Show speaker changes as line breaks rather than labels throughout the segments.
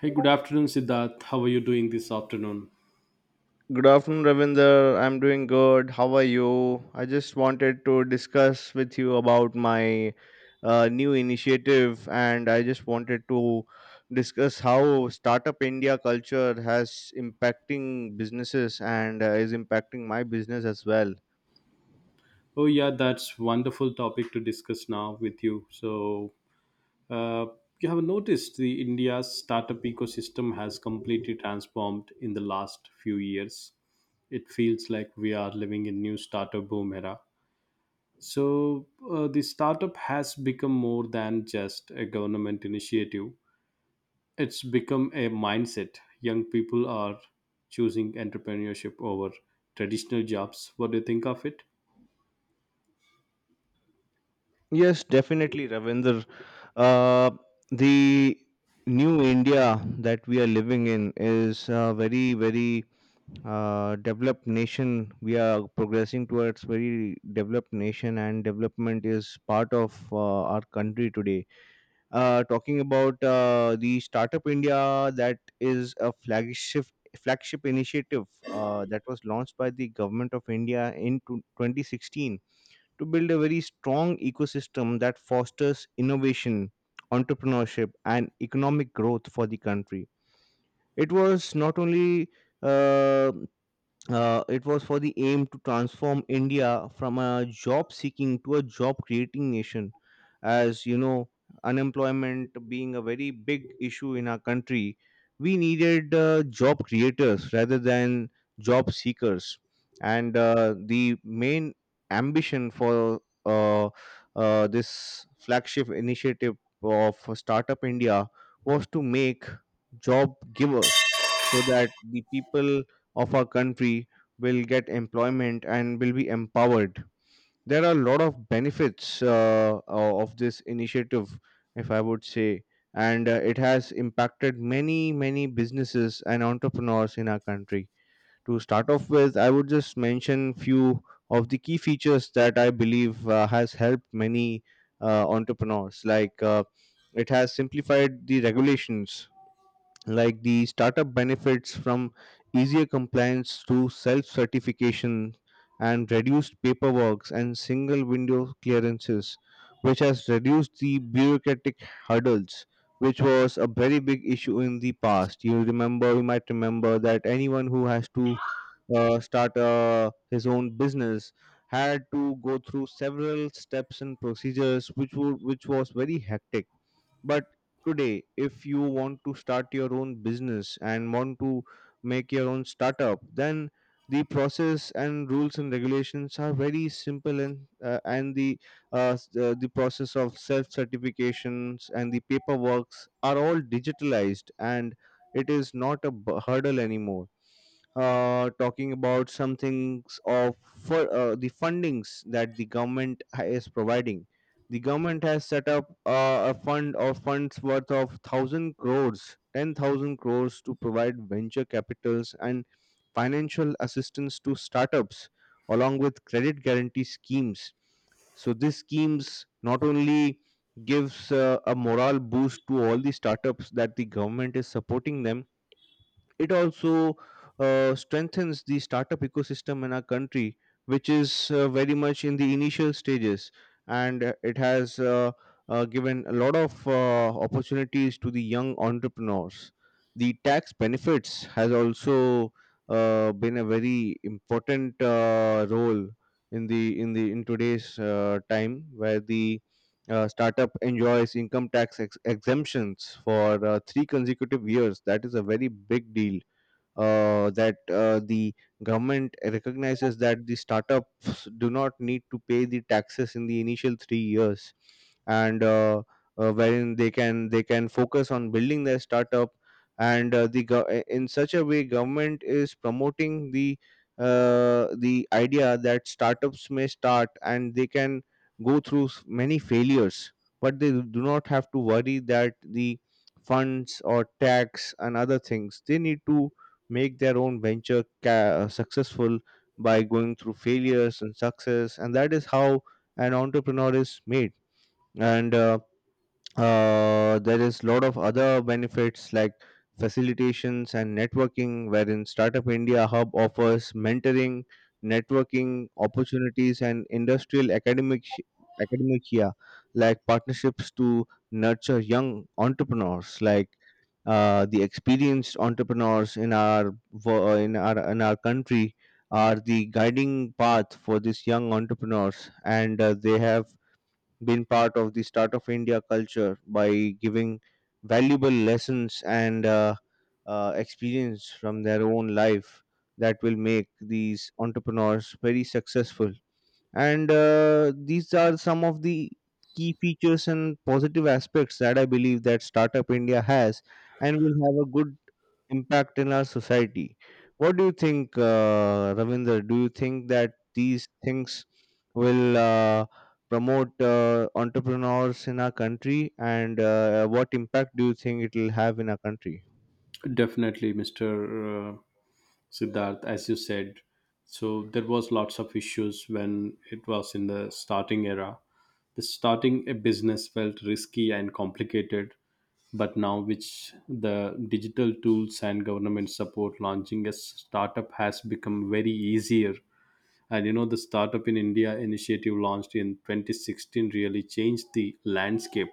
Hey, good afternoon, Siddharth. How are you doing this afternoon?
Good afternoon, Ravinder. I'm doing good. How are you? I just wanted to discuss with you about my new initiative, and I just wanted to discuss how Startup India culture has impacting businesses and is impacting my business as well.
Oh, yeah, that's wonderful topic to discuss now with you. So, uh, you have noticed the India's startup ecosystem has completely transformed in the last few years. It feels like we are living in new startup boom era. So, the startup has become more than just a government initiative. It's become a mindset. Young people are choosing entrepreneurship over traditional jobs. What do you think of it?
Yes, definitely, Ravinder. Uh, the new India that we are living in is a very, very developed nation. We are progressing towards very developed nation, and development is part of our country today. Talking about the Startup India, that is a flagship initiative that was launched by the government of India in 2016 to build a very strong ecosystem that fosters innovation, entrepreneurship, and economic growth for the country. It was not only uh, it was for the aim to transform India from a job seeking to a job creating nation. As you know, unemployment being a very big issue in our country, we needed job creators rather than job seekers. And the main ambition for this flagship initiative of Startup India was to make job givers so that the people of our country will get employment and will be empowered. There are a lot of benefits of this initiative, if I would say, and it has impacted many, many businesses and entrepreneurs in our country. To start off with, I would just mention few of the key features that I believe has helped many entrepreneurs. Like it has simplified the regulations like the startup benefits from easier compliance to self certification and reduced paperwork and single window clearances which has reduced the bureaucratic hurdles, which was a very big issue in the past. You remember, you might remember that anyone who has to start his own business had to go through several steps and procedures which was very hectic, but today, if you want to start your own business and want to make your own startup, then the process and rules and regulations are very simple, and the the process of self certifications and the paperworks are all digitalized and it is not a hurdle anymore. Talking about some things of for, the fundings that the government is providing. The government has set up a fund of funds worth of 1,000 crores, 10,000 crores to provide venture capitals and financial assistance to startups, along with credit guarantee schemes. So these schemes not only gives a morale boost to all the startups that the government is supporting them, it also strengthens the startup ecosystem in our country, which is very much in the initial stages, and it has given a lot of opportunities to the young entrepreneurs. The tax benefits has also been a very important role in the in today's time, where the startup enjoys income tax exemptions for three consecutive years. That is a very big deal that the government recognizes that the startups do not need to pay the taxes in the initial 3 years, and wherein they can focus on building their startup, and in such a way government is promoting the idea that startups may start and they can go through many failures, but they do not have to worry that the funds or tax and other things. They need to make their own venture successful by going through failures and success, and that is how an entrepreneur is made. And there is a lot of other benefits like facilitations and networking wherein startup india hub offers mentoring, networking opportunities and academic year like partnerships to nurture young entrepreneurs. Like the experienced entrepreneurs in our in our country are the guiding path for these young entrepreneurs, and they have been part of the Start of India culture by giving valuable lessons and experience from their own life that will make these entrepreneurs very successful. And these are some of the key features and positive aspects that I believe that Startup India has and will have a good impact in our society. What do you think, Ravinder? Do you think that these things will promote entrepreneurs in our country, and what impact do you think it will have in our country?
Definitely, Mr. Siddharth, as you said. So there was lots of issues when it was in the starting era. The starting a business felt risky and complicated, but now which the digital tools and government support launching a startup has become very easier. And you know, the Startup in India initiative launched in 2016 really changed the landscape.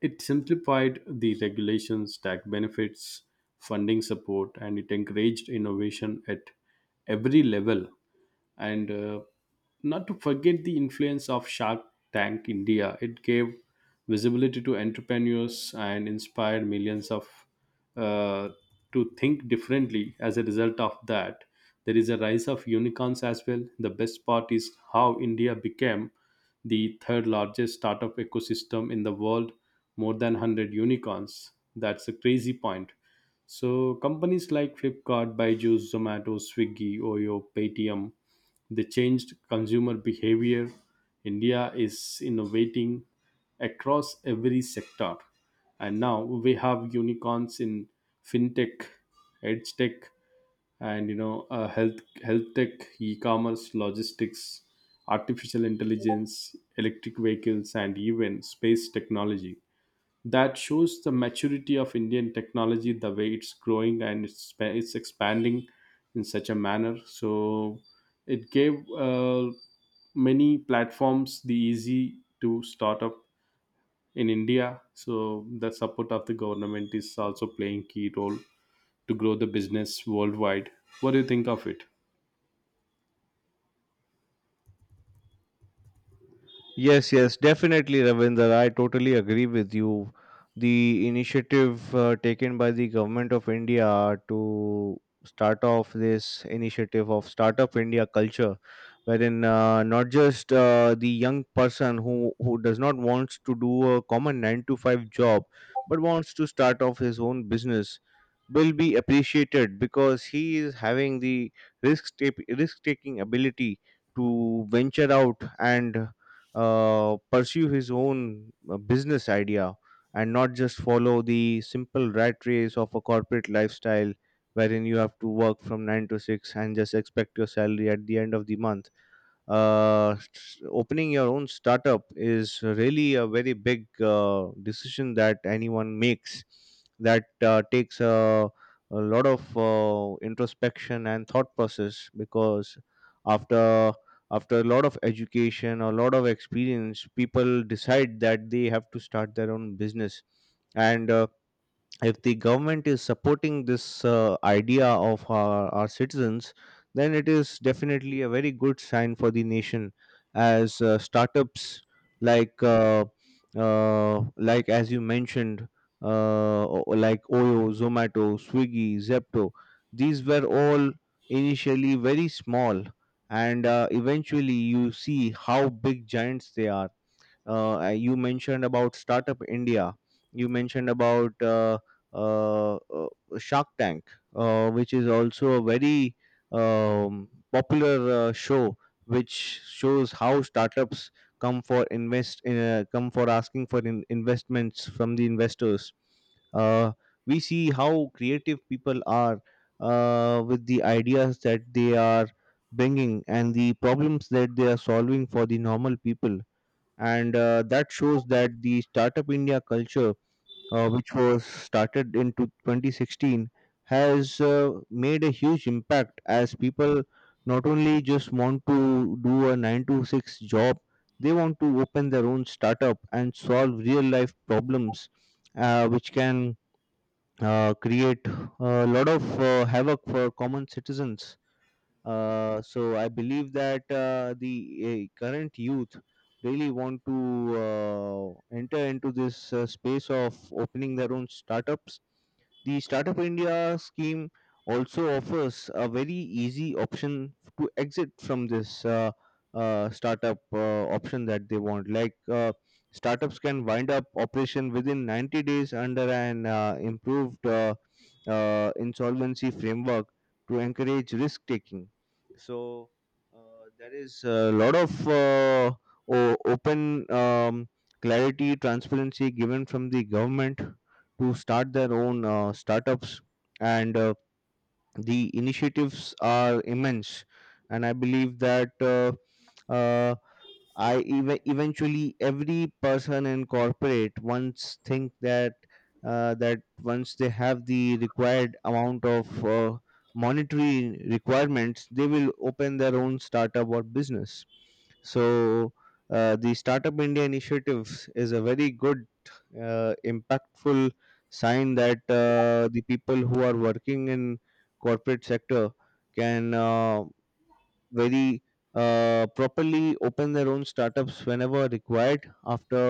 It simplified the regulations, tax benefits, funding support, and it encouraged innovation at every level. And not to forget the influence of Shark Tank India, it gave visibility to entrepreneurs and inspired millions of uh, to think differently. As a result of that, there is a rise of unicorns as well. The best part is how India became the third largest startup ecosystem in the world, more than 100 unicorns. That's a crazy point. So companies like Flipkart, Byju's, Zomato, Swiggy, Oyo, Paytm, they changed consumer behavior. India is innovating across every sector. And now we have unicorns in fintech, edge tech, and you know, health tech, e-commerce, logistics, artificial intelligence, electric vehicles, and even space technology. That shows the maturity of Indian technology, the way it's growing and it's expanding in such a manner. So it gave many platforms the easy to start up in India. So the support of the government is also playing key role to grow the business worldwide. What do you think of it?
Yes, yes, definitely, Ravinder. I totally agree with you. The initiative taken by the government of India to start off this initiative of Startup India culture, wherein not just the young person who does not want to do a common 9 to 5 job but wants to start off his own business will be appreciated because he is having the risk risk taking ability to venture out and pursue his own business idea and not just follow the simple rat race of a corporate lifestyle wherein you have to work from 9 to 6 and just expect your salary at the end of the month. Opening your own startup is really a very big decision that anyone makes, that takes a lot of introspection and thought process, because after after a lot of education, a lot of experience, people decide that they have to start their own business. And if the government is supporting this idea of our citizens, then it is definitely a very good sign for the nation. As startups like uh, like as you mentioned, like Oyo, Zomato, Swiggy, Zepto, these were all initially very small, and eventually you see how big giants they are. You mentioned about Startup India, you mentioned about uh, uh, Shark Tank, which is also a very popular show, which shows how startups come for asking for investments from the investors. uh, we see how creative people are with the ideas that they are bringing and the problems that they are solving for the normal people. And that shows that the Startup India culture, which was started in 2016, has made a huge impact, as people not only just want to do a 9 to 6 job, they want to open their own startup and solve real life problems, which can create a lot of havoc for common citizens. So I believe that the current youth really want to enter into this space of opening their own startups. The Startup India scheme also offers a very easy option to exit from this startup option that they want. Like startups can wind up operation within 90 days under an improved insolvency framework to encourage risk taking. So there is a lot of open clarity, transparency given from the government to start their own startups. And the initiatives are immense, and I believe that uh, eventually every person in corporate once think that that once they have the required amount of uh, monetary requirements, they will open their own startup or business. So the Startup India initiatives is a very good impactful sign that the people who are working in corporate sector can very properly open their own startups whenever required after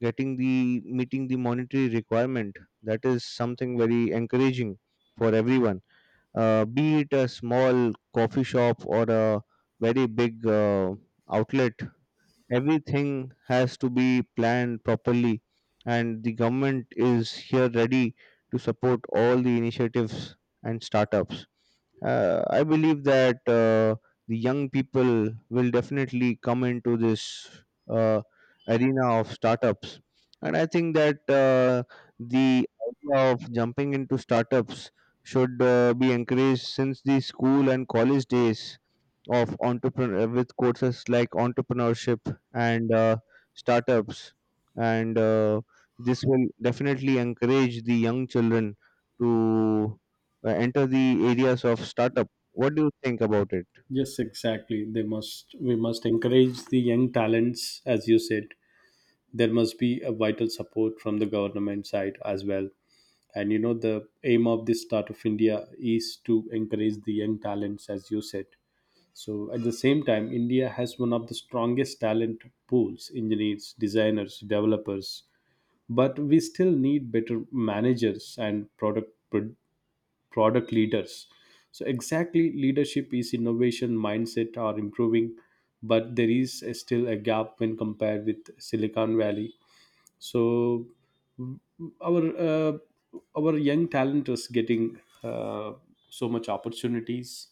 getting the meeting the monetary requirement. That is something very encouraging for everyone, be it a small coffee shop or a very big outlet. Everything has to be planned properly, and the government is here ready to support all the initiatives and startups. I believe that the young people will definitely come into this uh, arena of startups, and I think that the idea of jumping into startups should be encouraged since the school and college days of entrepreneur with courses like entrepreneurship and startups. And this will definitely encourage the young children to enter the areas of startup. What do you think about it?
Yes, exactly. They must we must encourage the young talents, as you said. There must be a vital support from the government side as well. And you know the aim of this Start of India is to encourage the young talents, as you said. So at the same time, India has one of the strongest talent pools, engineers, designers, developers. But we still need better managers and product leaders. So, exactly, leadership is innovation, mindset are improving, but there is still a gap when compared with Silicon Valley. So, our uh, our young talent is getting so much opportunities,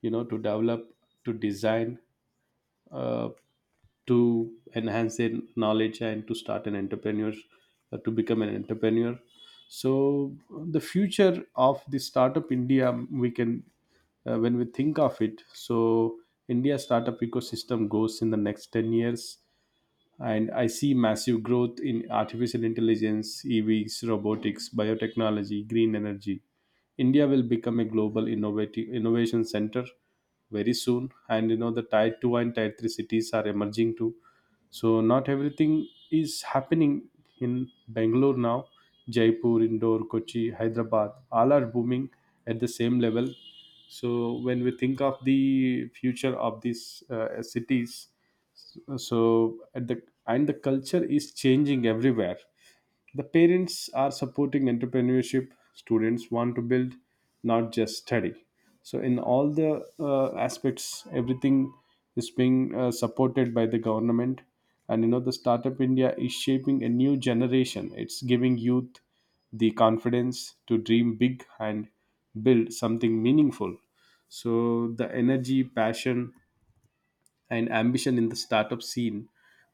you know, to develop, to design, uh, to enhance their knowledge and to start an entrepreneur, to become an entrepreneur. So the future of the startup India, we can, when we think of it, so India startup ecosystem goes in the next 10 years. And I see massive growth in artificial intelligence, EVs, robotics, biotechnology, green energy. India will become a global innovative innovation center very soon, and you know the tier two and tier three cities are emerging too. So not everything is happening in Bangalore now. Jaipur, Indore, Kochi, Hyderabad, all are booming at the same level. So when we think of the future of these cities, so at the and the culture is changing everywhere. The parents are supporting entrepreneurship. Students want to build, not just study. So in all the aspects, everything is being supported by the government. And you know, the startup India is shaping a new generation. It's giving youth the confidence to dream big and build something meaningful. So the energy, passion, and ambition in the startup scene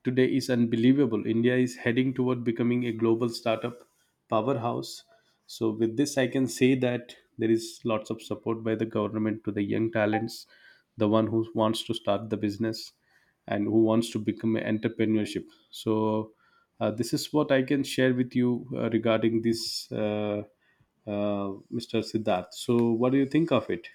today is unbelievable. India is heading toward becoming a global startup powerhouse. So, with this, I can say that there is lots of support by the government to the young talents, the one who wants to start the business and who wants to become an entrepreneurship. So, this is what I can share with you regarding this, Mr. Siddharth. So, what do you think of it?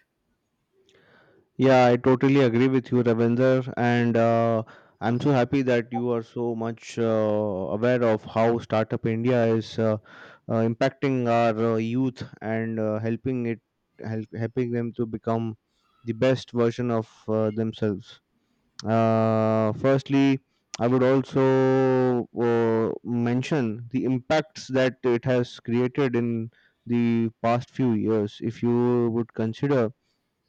Yeah, I totally agree with you, Ravender. And I'm so happy that you are so much aware of how Startup India is impacting our youth and helping it, helping them to become the best version of themselves. Firstly, I would also mention the impacts that it has created in the past few years. If you would consider,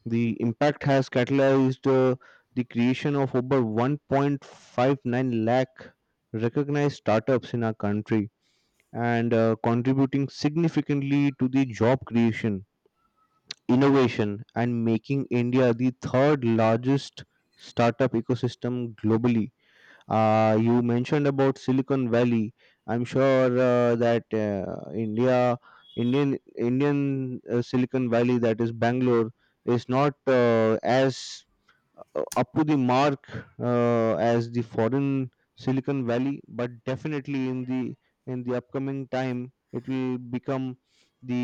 the impact has catalyzed the creation of over 1.59 lakh recognized startups in our country, and contributing significantly to the job creation, innovation, and making India the third largest startup ecosystem globally. You mentioned about Silicon Valley. I'm sure that Indian Silicon Valley, that is Bangalore, is not as up to the mark as the foreign Silicon Valley. But definitely in the upcoming time, it will become the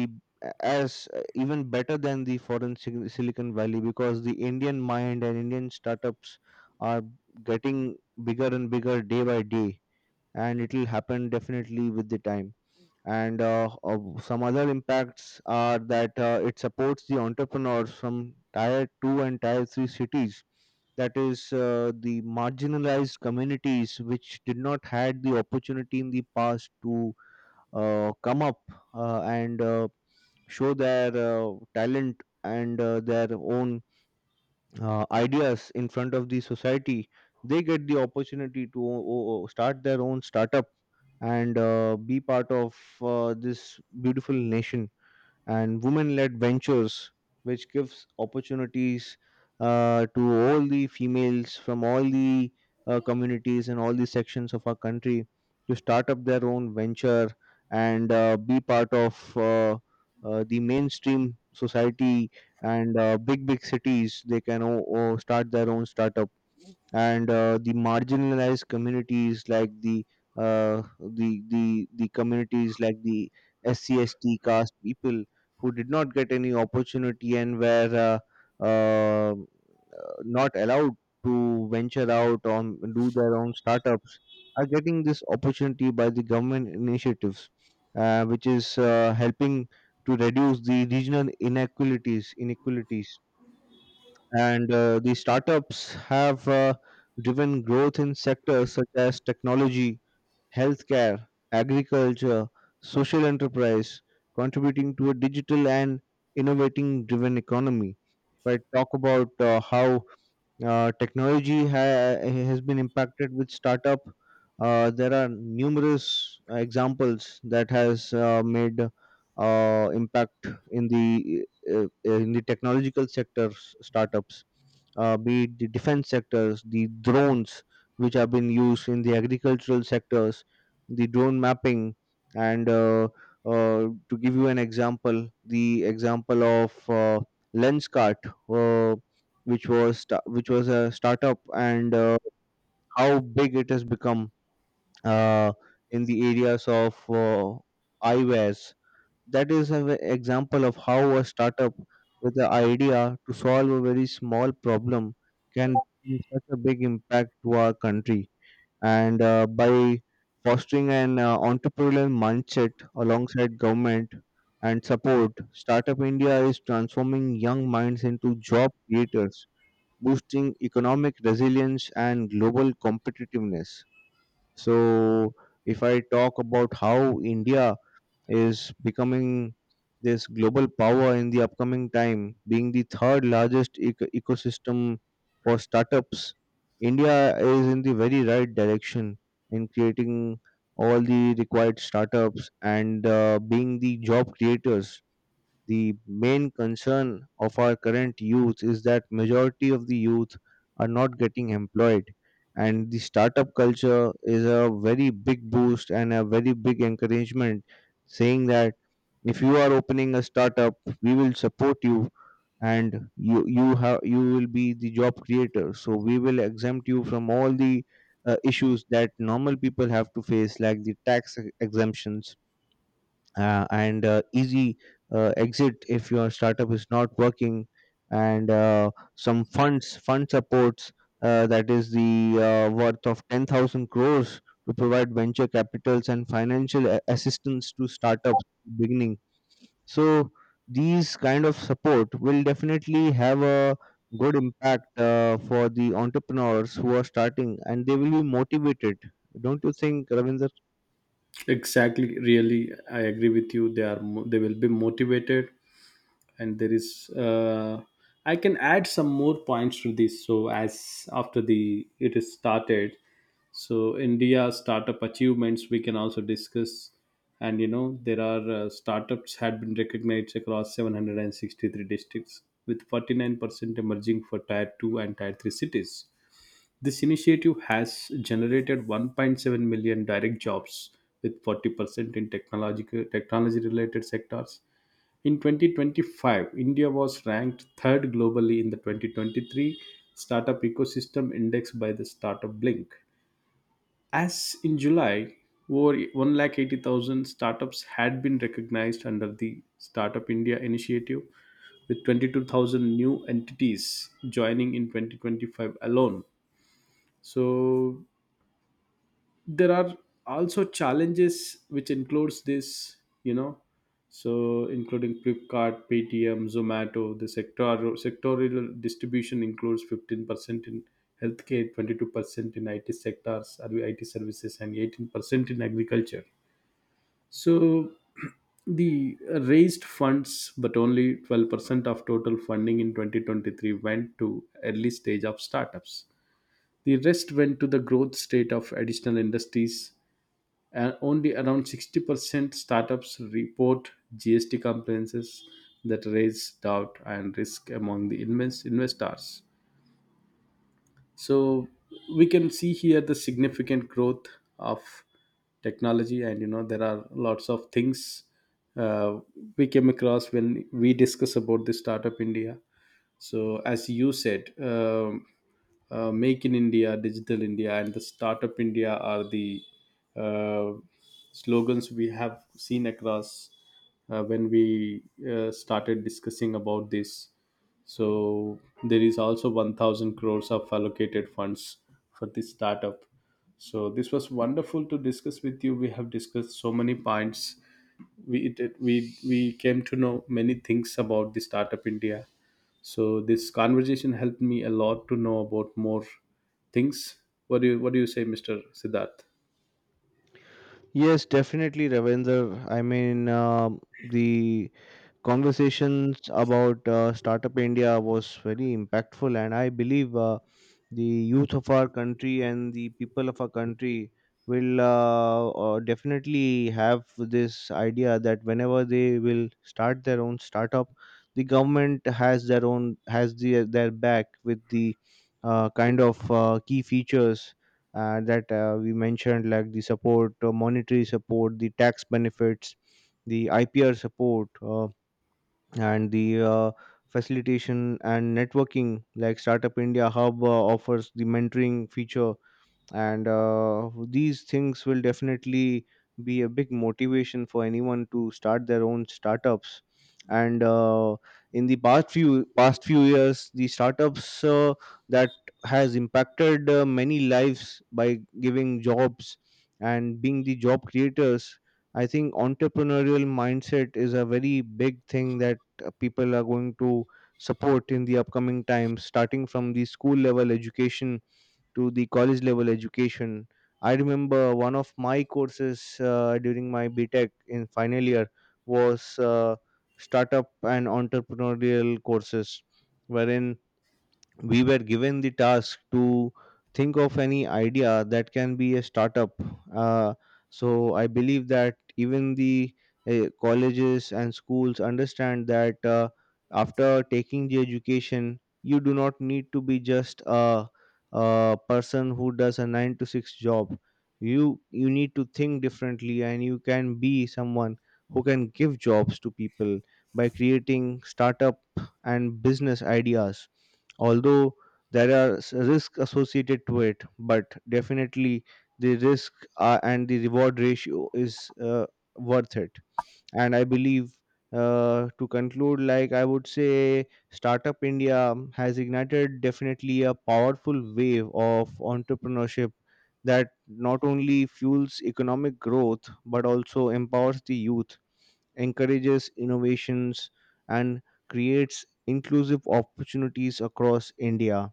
as even better than the foreign Silicon Valley, because the Indian mind and Indian startups are getting bigger and bigger day by day, and it will happen definitely with the time. And some other impacts are that it supports the entrepreneurs from tier 2 and tier 3 cities, that is the marginalized communities, which did not had the opportunity in the past to come up, and show their talent and their own ideas in front of the society. They get the opportunity to start their own startup and be part of this beautiful nation. And women-led ventures, which gives opportunities to all the females from all the communities and all the sections of our country to start up their own venture and be part of the mainstream society. And big big cities, they can start their own startup. And the marginalized communities, like the the communities like the SCST caste people, who did not get any opportunity and were uh, uh, not allowed to venture out or do their own startups, are getting this opportunity by the government initiatives, which is helping to reduce the regional inequalities. And the startups have driven growth in sectors such as technology, healthcare, agriculture, social enterprise, contributing to a digital and innovating driven economy. If I talk about how technology has been impacted with startup. There are numerous examples that has made impact in the technological sectors startups, be it the defense sectors, the drones which have been used in the agricultural sectors, the drone mapping, and to give you an example, the example of lens cart. Uh, which was which was a startup, and how big it has become uh, in the areas of eyewares. That is an example of how a startup with the idea to solve a very small problem can make such a big impact to our country. And by fostering an entrepreneurial mindset alongside government and support, Startup India is transforming young minds into job creators, boosting economic resilience and global competitiveness. So, if I talk about how India is becoming this global power in the upcoming time, being the third largest ecosystem for startups, India is in the very right direction in creating all the required startups and being the job creators. The main concern of our current youth is that majority of the youth are not getting employed, and the startup culture is a very big boost and a very big encouragement, saying that if you are opening a startup, we will support you, and you will be the job creator, so we will exempt you from all the issues that normal people have to face, like the tax exemptions, and easy exit if your startup is not working, and some fund supports, that is the worth of 10,000 crores, to provide venture capitals and financial assistance to startups beginning. So these kind of support will definitely have a good impact for the entrepreneurs who are starting, and they will be motivated. Don't you think, Ravinder?
Exactly. Really, I agree with you. They will be motivated, and there is. I can add some more points to this. So as after the it is started, so India startup achievements we can also discuss. And you know, there are startups had been recognized across 763 districts, with 49% emerging for tier 2 and tier 3 cities. This initiative has generated 1.7 million direct jobs, with 40% in technological technology related sectors. In 2025, India was ranked third globally in the 2023 Startup Ecosystem Index by the Startup Blink. As in July, over 1,80,000 startups had been recognized under the Startup India initiative, with 22,000 new entities joining in 2025 alone. So there are also challenges which includes this, you know, so including Flipkart, Paytm, Zomato. The sectorial distribution includes 15% in healthcare, 22% in IT sectors, IT services, and 18% in agriculture. So the raised funds, but only 12% of total funding in 2023 went to early stage of startups. The rest went to the growth state of additional industries, and only around 60% startups report GST compliances that raise doubt and risk among the investors. So we can see here the significant growth of technology, and you know there are lots of things uh, we came across when we discuss about the startup India. So, as you said, Make in India, Digital India, and the Startup India are the uh, slogans we have seen across, when we started discussing about this. So there is also 1,000 crores of allocated funds for this startup. So this was wonderful to discuss with you. We have discussed so many points. We it, it- we came to know many things about the startup India. So this conversation helped me a lot to know about more things. What do you say, Mr. Siddharth?
Yes, definitely, Ravender. The conversations about Startup India was very impactful, and I believe the youth of our country and the people of our country will definitely have this idea that whenever they will start their own startup, the government has their back with the kind of key features that we mentioned, like the support, monetary support, the tax benefits, the IPR support, and the facilitation and networking, like Startup India Hub offers the mentoring feature. And these things will definitely be a big motivation for anyone to start their own startups. And in the past few years, the startups that has impacted many lives by giving jobs and being the job creators. I think entrepreneurial mindset is a very big thing that people are going to support in the upcoming times, starting from the school level education to the college level education. I remember one of my courses during my B.Tech in final year was startup and entrepreneurial courses, wherein we were given the task to think of any idea that can be a startup. Uh, so I believe that even the colleges and schools understand that after taking the education, you do not need to be just a person who does a nine to six job. You need to think differently, and you can be someone who can give jobs to people by creating startup and business ideas. Although there are risks associated to it, but definitely the risk and the reward ratio is worth it. And I believe, to conclude, like I would say, Startup India has ignited definitely a powerful wave of entrepreneurship that not only fuels economic growth but also empowers the youth, encourages innovations, and creates inclusive opportunities across India.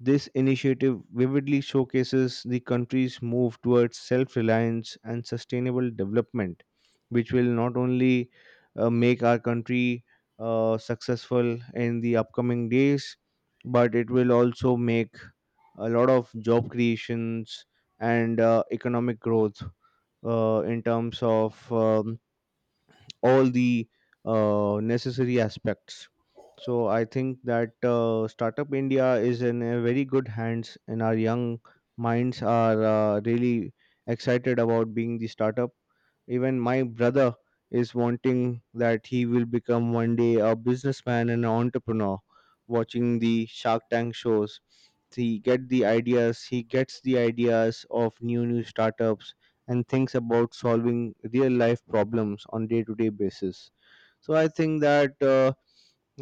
This initiative vividly showcases the country's move towards self reliance and sustainable development, which will not only make our country successful in the upcoming days, but it will also make a lot of job creations and economic growth in terms of all the necessary aspects. So I think that Startup India is in a very good hands, and our young minds are really excited about being the startup. Even my brother is wanting that he will become one day a businessman and an entrepreneur. Watching the Shark Tank shows, he get the ideas. He gets the ideas of new startups and thinks about solving real life problems on day to day basis. So I think that uh,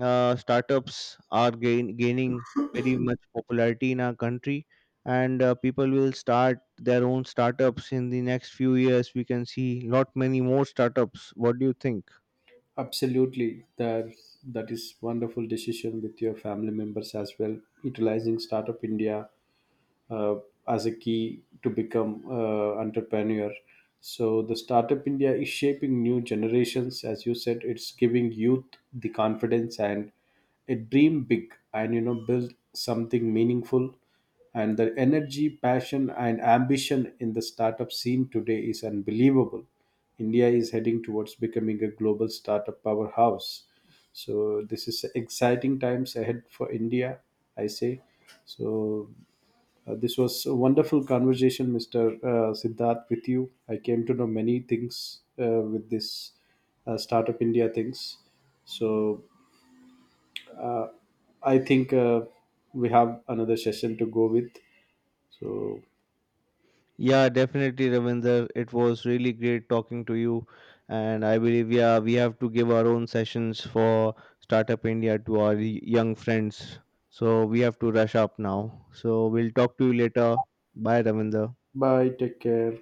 uh, startups are gaining very much popularity in our country, and people will start their own startups in the next few years. We can see lot many more startups. What do you think?
Absolutely. That is wonderful decision with your family members as well, utilizing Startup India uh, as a key to become entrepreneur. So the startup India is shaping new generations, as you said. It's giving youth the confidence and a dream big, and you know, build something meaningful. And the energy, passion, and ambition in the startup scene today is unbelievable. India is heading towards becoming a global startup powerhouse. So this is exciting times ahead for India, I say. So, this was a wonderful conversation, Mr. Siddharth, with you. I came to know many things with this Startup India things. So I think we have another session to go with. So
Yeah, definitely, Ravinder. It was really great talking to you, and I believe yeah we have to give our own sessions for Startup India to our young friends. So we have to rush up now. So we'll talk to you later. Bye, Ravinder.
bye, take care.